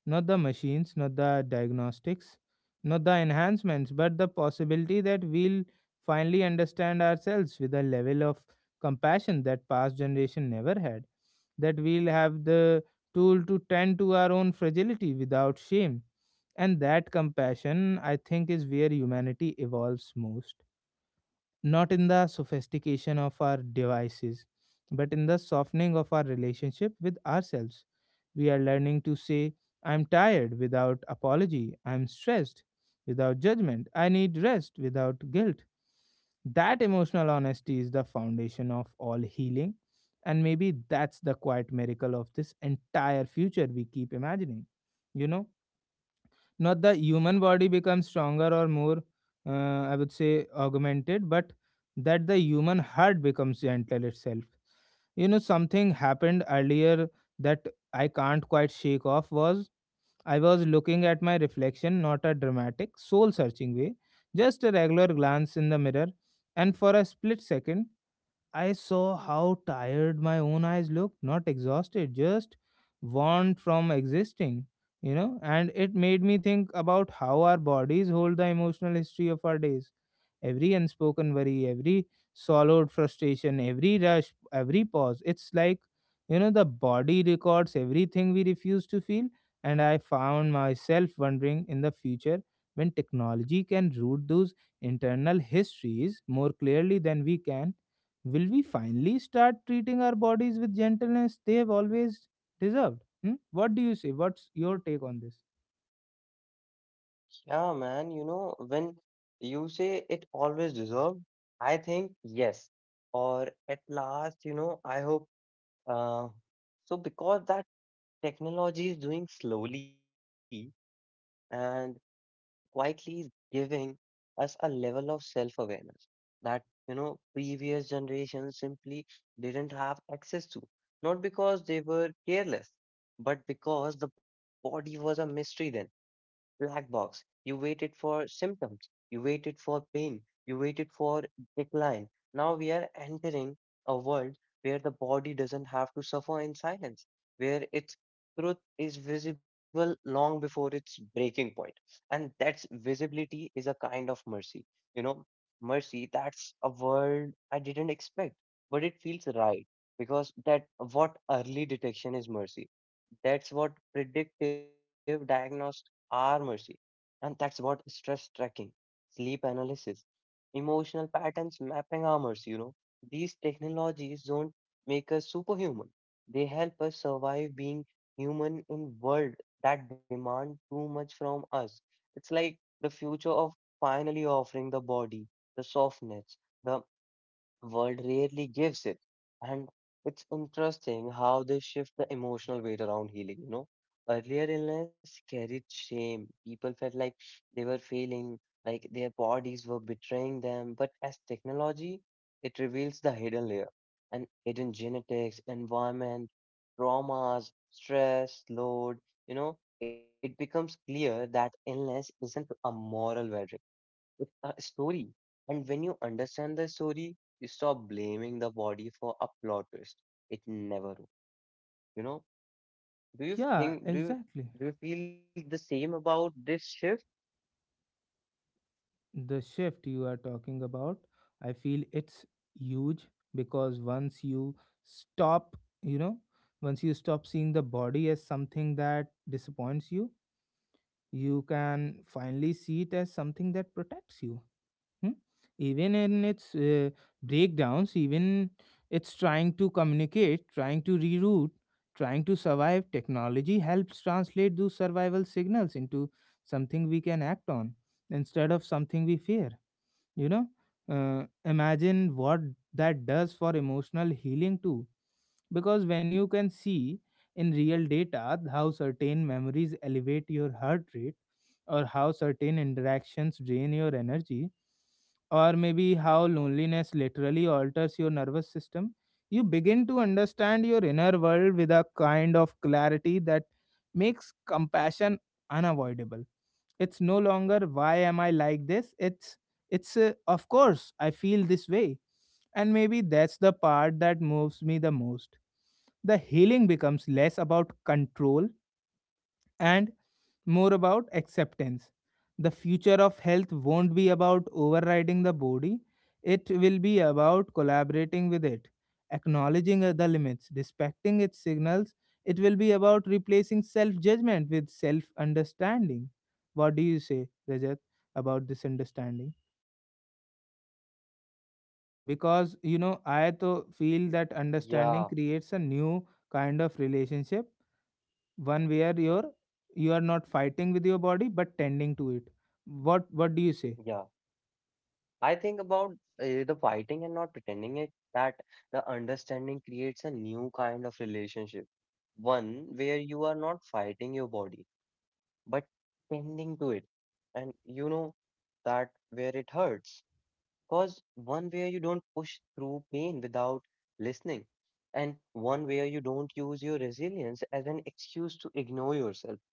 Speaker 1: Not the machines, not the diagnostics, not the enhancements, but the possibility that we'll finally understand ourselves with a level of compassion that past generation never had. That we'll have the tool to tend to our own fragility without shame. And that compassion, I think, is where humanity evolves most, not in the sophistication of our devices, but in the softening of our relationship with ourselves. We are learning to say, I'm tired without apology, I'm stressed without judgment, I need rest without guilt. That emotional honesty is the foundation of all healing, and maybe that's the quiet miracle of this entire future we keep imagining. You know? Not the human body becomes stronger or more, I would say, augmented, but that the human heart becomes gentle itself. You know, something happened earlier that I can't quite shake off. Was I was looking at my reflection, not a dramatic, soul searching way, just a regular glance in the mirror. And for a split second, I saw how tired my own eyes looked, not exhausted, just worn from existing. And it made me think about how our bodies hold the emotional history of our days, every unspoken worry, every swallowed frustration, every rush, every pause. It's like, the body records everything we refuse to feel. And I found myself wondering, in the future when technology can root those internal histories more clearly than we can, will we finally start treating our bodies with gentleness they have always deserved? Hmm? What do you say? What's your take on this?
Speaker 2: Yeah, man, when you say it always deserved, I think yes, or at last, I hope. Uh, because that technology is doing slowly and quietly is giving us a level of self-awareness that, previous generations simply didn't have access to. Not because they were careless, but because the body was a mystery then, black box. You waited for symptoms. You waited for pain. You waited for decline. Now we are entering a world where the body doesn't have to suffer in silence, where its truth is visible long before its breaking point. And that's visibility is a kind of mercy. You know, mercy, that's a word I didn't expect, but it feels right because that what early detection is, mercy. That's what predictive diagnostics are, mercy. And that's what stress tracking, sleep analysis, emotional patterns mapping are, mercy. These technologies don't make us superhuman. They help us survive being human in world that demand too much from us. It's like the future of finally offering the body the softness the world rarely gives it. And it's interesting how they shift the emotional weight around healing, you know. Earlier illness carried shame. People felt like they were failing, like their bodies were betraying them. But as technology, it reveals the hidden layer, and hidden genetics, environment, traumas, stress, load, it becomes clear that illness isn't a moral verdict with a story. And when you understand the story, you stop blaming the body for a plot twist. It never will. You know? Do you
Speaker 1: Yeah,
Speaker 2: think
Speaker 1: exactly.
Speaker 2: do you feel the same about this shift?
Speaker 1: The shift you are talking about, I feel it's huge, because stop you know once you stop seeing the body as something that disappoints you, you can finally see it as something that protects you. Hmm? Even in its breakdowns, even it's trying to communicate, trying to reroute, trying to survive. Technology helps translate those survival signals into something we can act on instead of something we fear, you know imagine what that does for emotional healing too. Because when you can see in real data how certain memories elevate your heart rate, or how certain interactions drain your energy, or maybe how loneliness literally alters your nervous system, you begin to understand your inner world with a kind of clarity that makes compassion unavoidable. It's no longer why am I like this, it's of course I feel this way. And maybe that's the part that moves me the most. The healing becomes less about control and more about acceptance. The future of health won't be about overriding the body, it will be about collaborating with it, acknowledging the limits, respecting its signals. It will be about replacing self judgment with self understanding. What do you say, Rajat, about this understanding? Because you know, I to feel that understanding
Speaker 2: Yeah,
Speaker 1: creates a new kind of relationship, one where you are not fighting with your body but tending to it. What do you
Speaker 2: yeah.
Speaker 1: say?
Speaker 2: I think about the fighting and not pretending it, that the understanding creates a new kind of relationship. One where you are not fighting your body, but tending to it. And you know that where it hurts, cause one where you don't push through pain without listening, and one where you don't use your resilience as an excuse to ignore yourself.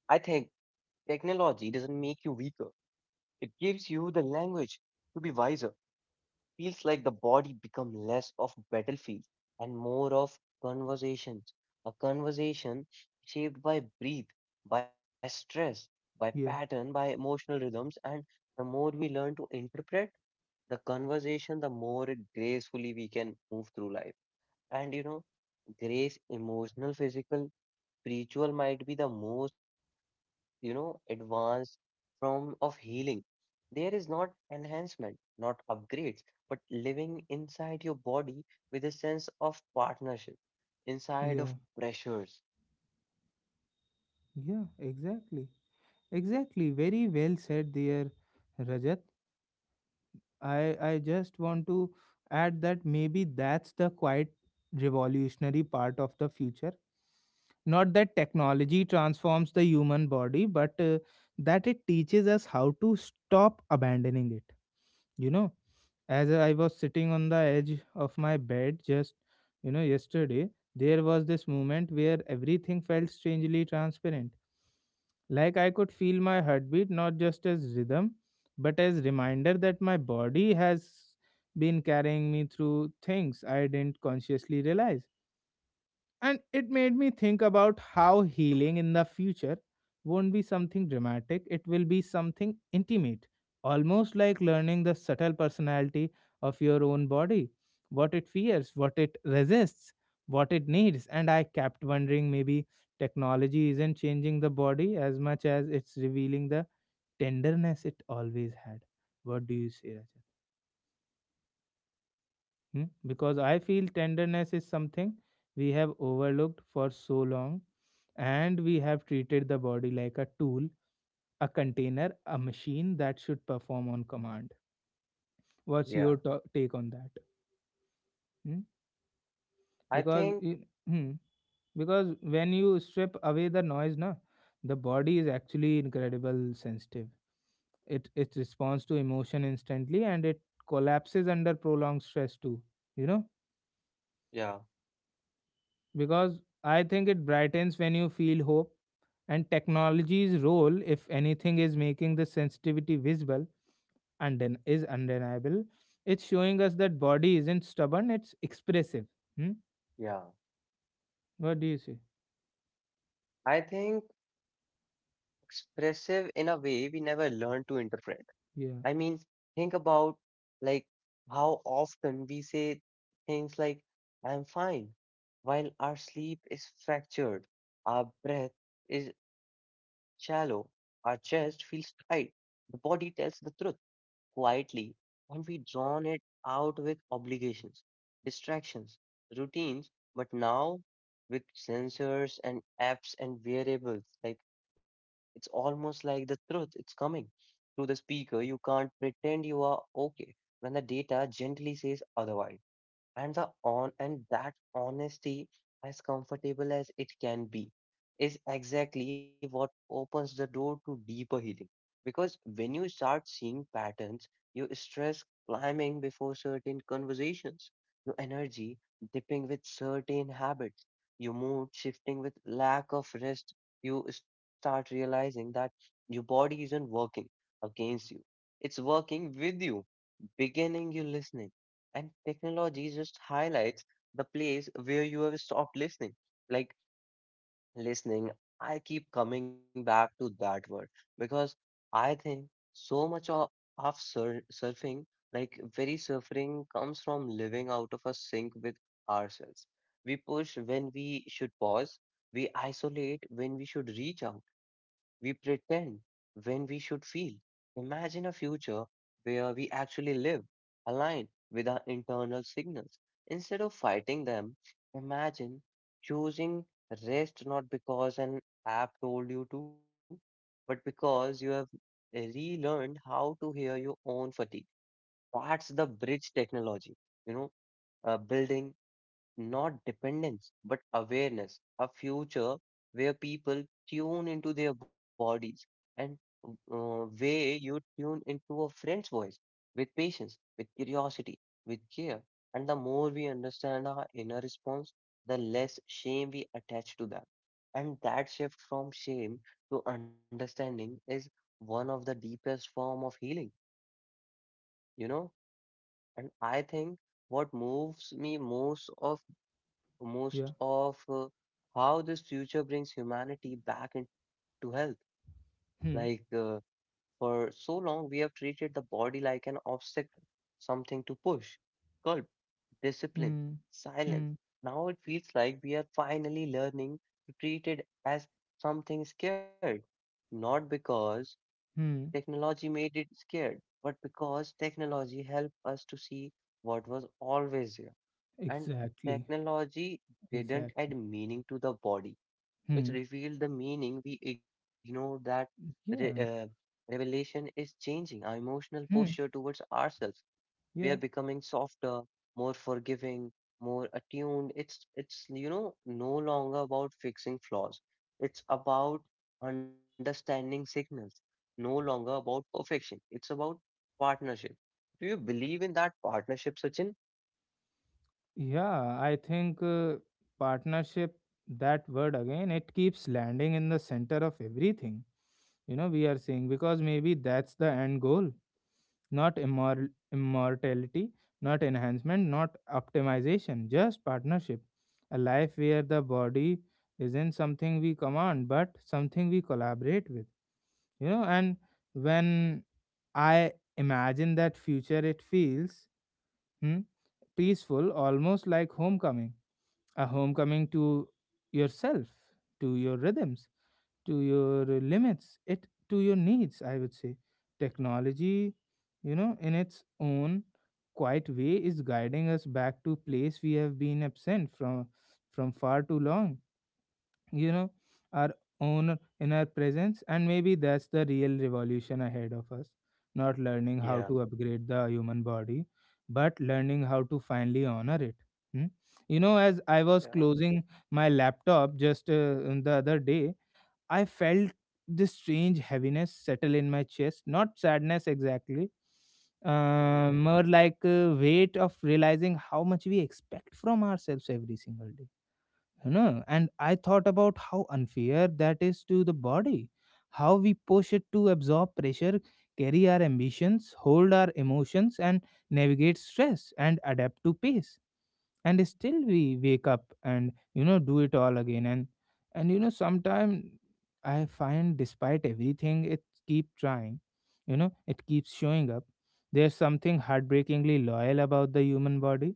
Speaker 2: I think technology doesn't make you weaker. It gives you the language to be wiser. Feels like the body become less of battlefield and more of conversations. A conversation shaped by breath, by stress, by pattern,
Speaker 1: Yeah,
Speaker 2: by emotional rhythms, and the more we learn to interpret the conversation, the more gracefully we can move through life. And grace, emotional, physical, spiritual might be the most, advanced form of healing. There is not enhancement, not upgrades, but living inside your body with a sense of partnership, inside
Speaker 1: yeah,
Speaker 2: of pressures.
Speaker 1: yeah, exactly. Exactly, very well said there, Rajat. I i just want to add that maybe that's the quite revolutionary part of the future, not that technology transforms the human body, but that it teaches us how to stop abandoning it. You know, as I was sitting on the edge of my bed, just you know, yesterday, there was this moment where everything felt strangely transparent. Like I could feel my heartbeat not just as rhythm, but as reminder that my body has been carrying me through things I didn't consciously realize. And it made me think about how healing in the future won't be something dramatic, it will be something intimate, almost like learning the subtle personality of your own body, what it fears, what it resists, what it needs. And I kept wondering, maybe technology isn't changing the body as much as it's revealing the tenderness it always had. What do you say, Rajat? Hmm? Because I feel tenderness is something we have overlooked for so long, and we have treated the body like a tool, a container, a machine that should perform on command. What's
Speaker 2: Yeah.
Speaker 1: your take on that? Hmm?
Speaker 2: I
Speaker 1: Because
Speaker 2: think,
Speaker 1: in, hmm, because when you strip away the noise, na, the body is actually incredible sensitive. It responds to emotion instantly, and it collapses under prolonged stress too. You know,
Speaker 2: yeah,
Speaker 1: because I think it brightens when you feel hope. And technology's role, if anything, is making this sensitivity visible and then is undeniable. It's showing us that body isn't stubborn; it's expressive. Hmm?
Speaker 2: yeah.
Speaker 1: What do you say?
Speaker 2: I think expressive in a way we never learn to interpret.
Speaker 1: Yeah,
Speaker 2: I mean, think about like how often we say things like, I'm fine, while our sleep is fractured, our breath is shallow, our chest feels tight. The body tells the truth quietly, and we drown it out with obligations, distractions, routines, but now with sensors and apps and variables, like it's almost like the truth, it's coming through the speaker. You can't pretend you are okay when the data gently says otherwise, and the on and that honesty, as comfortable as it can be, is exactly what opens the door to deeper healing, because when you start seeing patterns, you stress climbing before certain conversations, your energy dipping with certain habits, your mood shifting with lack of rest, you start realizing that your body isn't working against you, it's working with you, beginning you listening, and technology just highlights the place where you have stopped listening. Like listening, I keep coming back to that word because I think so much of surfing, like very surfing, comes from living out of a sync with ourselves. We push when we should pause, we isolate when we should reach out, we pretend when we should feel. Imagine a future where we actually live aligned with our internal signals instead of fighting them. Imagine choosing rest not because an app told you to, but because you have relearned how to hear your own fatigue. That's the bridge technology, you know, building not dependence, but awareness. A future where people tune into their bodies and, way you tune into a friend's voice, with patience, with curiosity, with care. And the more we understand our inner response, the less shame we attach to that. And that shift from shame to understanding is one of the deepest form of healing, you know? And I think what moves me
Speaker 1: yeah.
Speaker 2: most of how this future brings humanity back into health. Like
Speaker 1: Hmm.
Speaker 2: uh, for so long, we have treated the body like an obstacle, something to push, curb, discipline,
Speaker 1: Hmm.
Speaker 2: silence.
Speaker 1: Hmm.
Speaker 2: Now it feels like we are finally learning to treat it as something scared, not because
Speaker 1: Hmm.
Speaker 2: technology made it scared, but because technology helped us to see what was always there, and
Speaker 1: Exactly.
Speaker 2: technology didn't add
Speaker 1: Exactly.
Speaker 2: meaning to the body. It
Speaker 1: Hmm.
Speaker 2: revealed the meaning we ignore that re- uh,
Speaker 1: Yeah.
Speaker 2: revelation is changing our emotional posture
Speaker 1: Hmm.
Speaker 2: towards ourselves. We are
Speaker 1: Yeah.
Speaker 2: becoming softer, more forgiving, more attuned. It's no longer about fixing flaws. It's about understanding signals. No longer about perfection. It's about partnership. Do you believe in that partnership, Sachin?
Speaker 1: Yeah, I think partnership, that word again, it keeps landing in the center of everything, you know, we are seeing. Because maybe that's the end goal, not immortality, not enhancement, not optimization, just partnership. A life where the body isn't something we command, but something we collaborate with, you know. And when I imagine that future, it feels, hmm, peaceful, almost like homecoming, a homecoming to yourself, to your rhythms, to your limits, it to your needs, I would say. Technology, you know, in its own quiet way is guiding us back to place we have been absent from far too long. You know, our own inner presence. And maybe that's the real revolution ahead of us, not learning
Speaker 2: Yeah.
Speaker 1: how to upgrade the human body, but learning how to finally honor it. Hmm? You know, as I was
Speaker 2: Yeah.
Speaker 1: closing my laptop, just the other day, I felt this strange heaviness settle in my chest, not sadness exactly, more like a weight of realizing how much we expect from ourselves every single day. You know, and I thought about how unfair that is to the body, how we push it to absorb pressure, carry our ambitions, hold our emotions, and navigate stress, and adapt to pace. And still we wake up and, you know, do it all again. And you know, sometimes I find despite everything it keep trying. You know, it keeps showing up. There's something heartbreakingly loyal about the human body.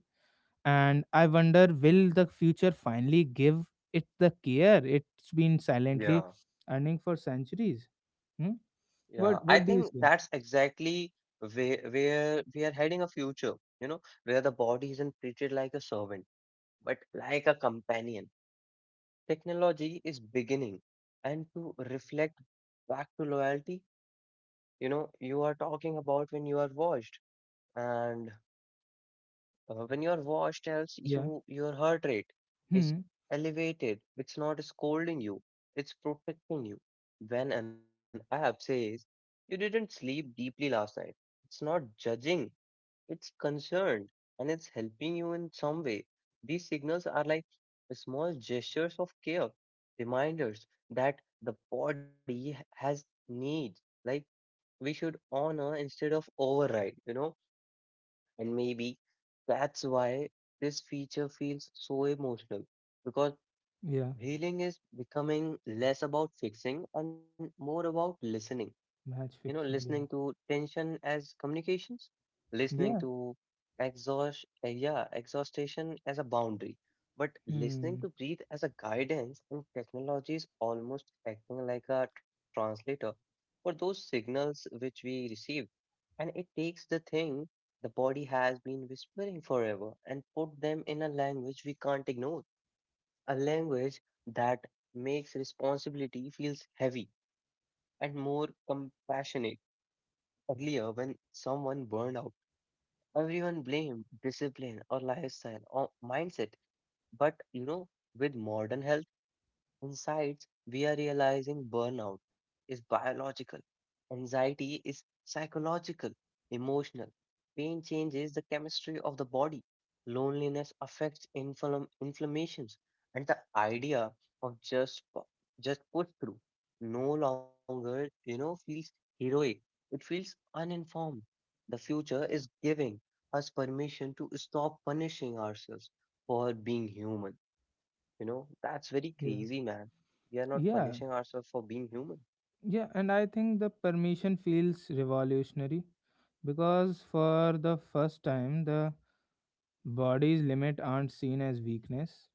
Speaker 1: And I wonder, will the future finally give it the care it's been silently
Speaker 2: Yeah,
Speaker 1: earning for centuries? Hmm?
Speaker 2: yeah, I
Speaker 1: What
Speaker 2: think
Speaker 1: do you say?
Speaker 2: that's exactly where we are heading, a future, you know, where the body isn't treated like a servant, but like a companion. Technology is beginning. And to reflect back to loyalty, you know, you are talking about when you are watched. And. When your watch tells
Speaker 1: Yeah.
Speaker 2: you your heart rate is
Speaker 1: Hmm.
Speaker 2: elevated, it's not scolding you, it's protecting you. When an app says you didn't sleep deeply last night, it's not judging, it's concerned, and it's helping you in some way. These signals are like small gestures of care, reminders that the body has needs, like we should honor instead of override, you know. And maybe that's why this feature feels so emotional, because
Speaker 1: Yeah,
Speaker 2: healing is becoming less about fixing and more about listening. You know,
Speaker 1: match fixing.
Speaker 2: listening
Speaker 1: Yeah.
Speaker 2: to tension as communications, listening
Speaker 1: Yeah.
Speaker 2: to exhaustion as a boundary, but listening
Speaker 1: Hmm.
Speaker 2: to breathe as a guidance, and technology is almost acting like a translator for those signals which we receive, and it takes the thing the body has been whispering forever and put them in a language we can't ignore, a language that makes responsibility feels heavy and more compassionate. Earlier, when someone burned out, everyone blamed discipline or lifestyle or mindset. But you know, with modern health insights, we are realizing burnout is biological, anxiety is psychological, emotional. Pain changes the chemistry of the body, loneliness affects inflammations, and the idea of just push through no longer you know feels heroic. It feels uninformed. The future is giving us permission to stop punishing ourselves for being human, you know, that's very
Speaker 1: Yeah.
Speaker 2: crazy, man. We are not
Speaker 1: Yeah.
Speaker 2: punishing ourselves for being human.
Speaker 1: Yeah, and I think the permission feels revolutionary, because for the first time the body's limit aren't seen as weakness.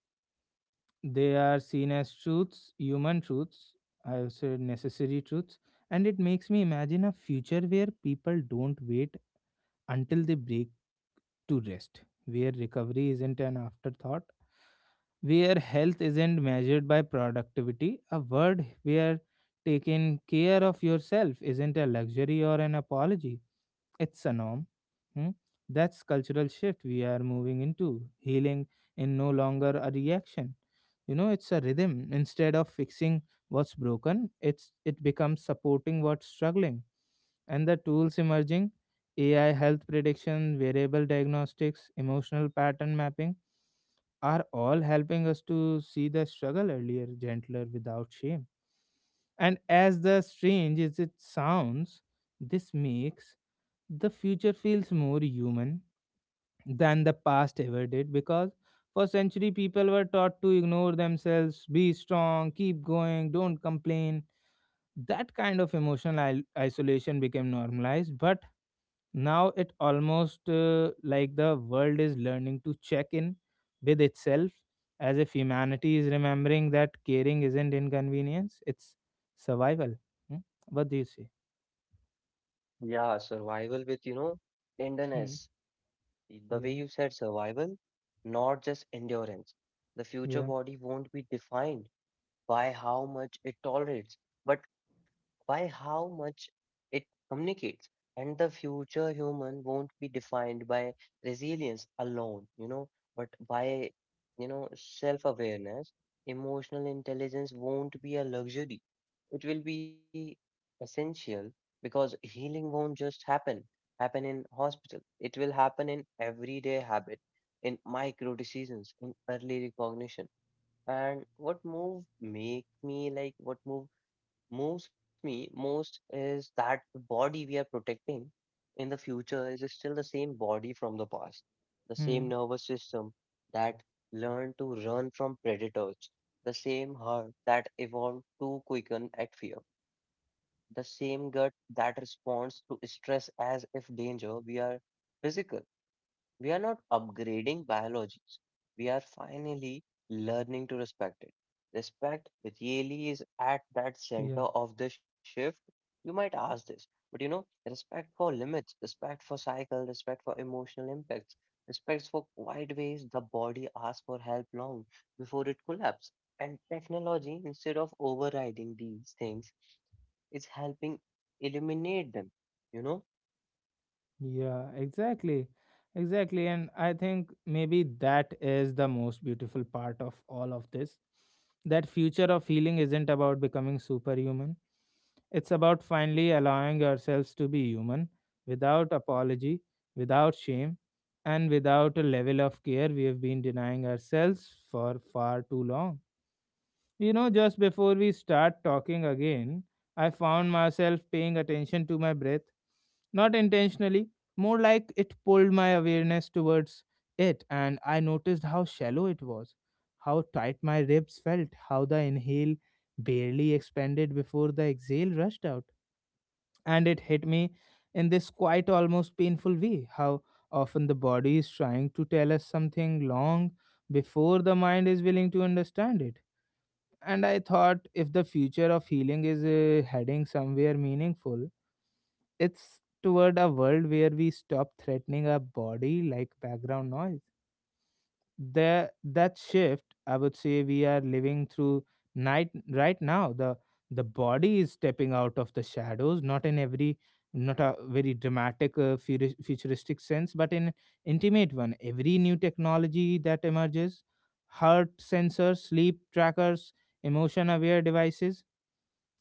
Speaker 1: They are seen as truths, human truths, I would say necessary truths. And it makes me imagine a future where people don't wait until they break to rest, where recovery isn't an afterthought, where health isn't measured by productivity, a word where taking care of yourself isn't a luxury or an apology, it's a norm. Hmm? That's cultural shift we are moving into. Healing in no longer a reaction. You know, it's a rhythm. Instead of fixing what's broken, it becomes supporting what's struggling. And the tools emerging, AI health prediction, variable diagnostics, emotional pattern mapping, are all helping us to see the struggle earlier, gentler, without shame. And as the strange as it sounds, this makes the future feels more human than the past ever did. Because for century people were taught to ignore themselves, be strong, keep going, don't complain. That kind of emotional isolation became normalized. But now it almost like the world is learning to check in with itself, as if humanity is remembering that caring isn't inconvenience, it's survival. Hmm? What do you say?
Speaker 2: Yeah, survival with, you know, tenderness.
Speaker 1: Hmm.
Speaker 2: The way you
Speaker 1: Yeah,
Speaker 2: said survival, not just endurance. The future
Speaker 1: yeah.
Speaker 2: body won't be defined by how much it tolerates, but by how much it communicates. And the future human won't be defined by resilience alone, you know, but by, you know, self awareness. Emotional intelligence won't be a luxury, it will be essential, because healing won't just happen in hospital, it will happen in everyday habit, in micro decisions, in early recognition. And what moves me most is that the body we are protecting in the future is still the same body from the past, the same
Speaker 1: Hmm.
Speaker 2: nervous system that learned to run from predators, the same heart that evolved to quicken at fear, the same gut that responds to stress as if danger we are physical. We are not upgrading biology. We are finally learning to respect it. Respect really is at that center
Speaker 1: Yeah.
Speaker 2: of the shift. You might ask this, but you know, respect for limits, respect for cycle, respect for emotional impacts, respect for quiet ways the body asks for help long before it collapses. And technology, instead of overriding these things, is helping eliminate them. You know,
Speaker 1: Yeah, exactly. Exactly. And I think maybe that is the most beautiful part of all of this. That future of healing isn't about becoming superhuman, it's about finally allowing yourselves to be human without apology, without shame, and without a level of care we have been denying ourselves for far too long. You know, just before we start talking again, I found myself paying attention to my breath, not intentionally, more like it pulled my awareness towards it. And I noticed how shallow it was, how tight my ribs felt, how the inhale barely expanded before the exhale rushed out. And it hit me in this quite almost painful way how often the body is trying to tell us something long before the mind is willing to understand it. And I thought, if the future of healing is heading somewhere meaningful, it's toward a world where we stop threatening our body like background noise. That shift I would say we are living through night right now. The body is stepping out of the shadows, not in every not a very dramatic futuristic sense, but in intimate one. Every new technology that emerges, heart sensors, sleep trackers, emotion aware devices,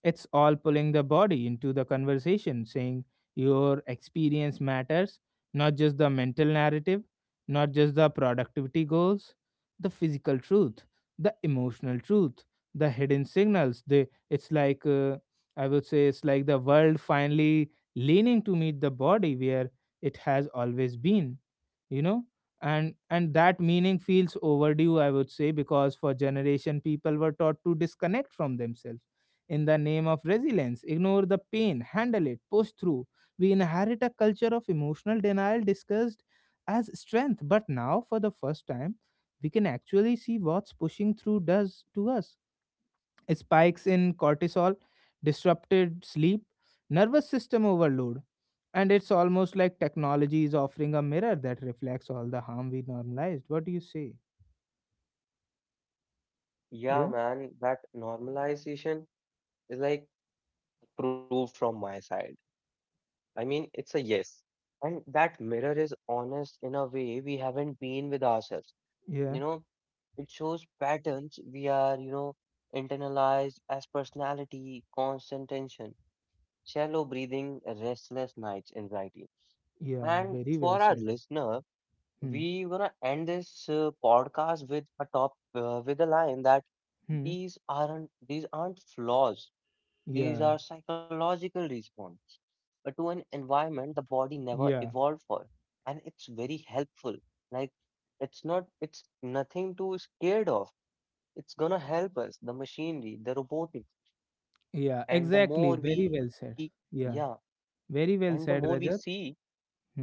Speaker 1: it's all pulling the body into the conversation, saying your experience matters, not just the mental narrative, not just the productivity goals, the physical truth, the emotional truth, the hidden signals. They, it's like, I would say, it's like the world finally leaning to meet the body where it has always been, you know? And that meaning feels overdue, I would say, because for generation people were taught to disconnect from themselves in the name of resilience, ignore the pain, handle it, push through. We inherit a culture of emotional denial discussed as strength, but now for the first time, we can actually see what's pushing through does to us. Spikes in cortisol, disrupted sleep, nervous system overload. And it's almost like technology is offering a mirror that reflects all the harm we normalized. What do you say?
Speaker 2: yeah,
Speaker 1: Yeah,
Speaker 2: man, that normalization is like proved from my side. I mean, it's a yes. And that mirror is honest in a way we haven't been with ourselves.
Speaker 1: yeah,
Speaker 2: You know, it shows patterns we are, you know, internalized as personality, constant tension, shallow breathing, restless nights, anxiety.
Speaker 1: yeah,
Speaker 2: And
Speaker 1: very well
Speaker 2: for our
Speaker 1: said.
Speaker 2: listener,
Speaker 1: Hmm,
Speaker 2: we gonna end this podcast with a line that
Speaker 1: hmm,
Speaker 2: these aren't flaws. These
Speaker 1: yeah,
Speaker 2: are psychological response to an environment the body never
Speaker 1: yeah.
Speaker 2: evolved for, and it's very helpful. Like it's not, it's nothing to scared of. It's gonna help us. The machinery, the robotics,
Speaker 1: Yeah,
Speaker 2: and
Speaker 1: exactly. Very well said.
Speaker 2: yeah,
Speaker 1: Yeah,
Speaker 2: the
Speaker 1: very
Speaker 2: more
Speaker 1: well
Speaker 2: we
Speaker 1: said,
Speaker 2: see
Speaker 1: Rajat.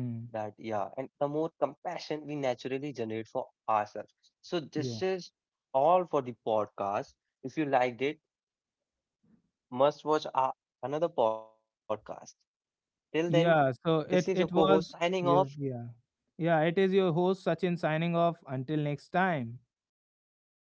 Speaker 2: that, yeah, and the more compassion we naturally generate for ourselves. So
Speaker 1: Yeah,
Speaker 2: this is all for the podcast. If you liked it, must watch our another podcast. Till then.
Speaker 1: yeah.
Speaker 2: This is
Speaker 1: So
Speaker 2: your
Speaker 1: it
Speaker 2: co
Speaker 1: it
Speaker 2: host
Speaker 1: was,
Speaker 2: signing off.
Speaker 1: yeah, yeah. Yeah. It is your host Sachin signing off. Until next time.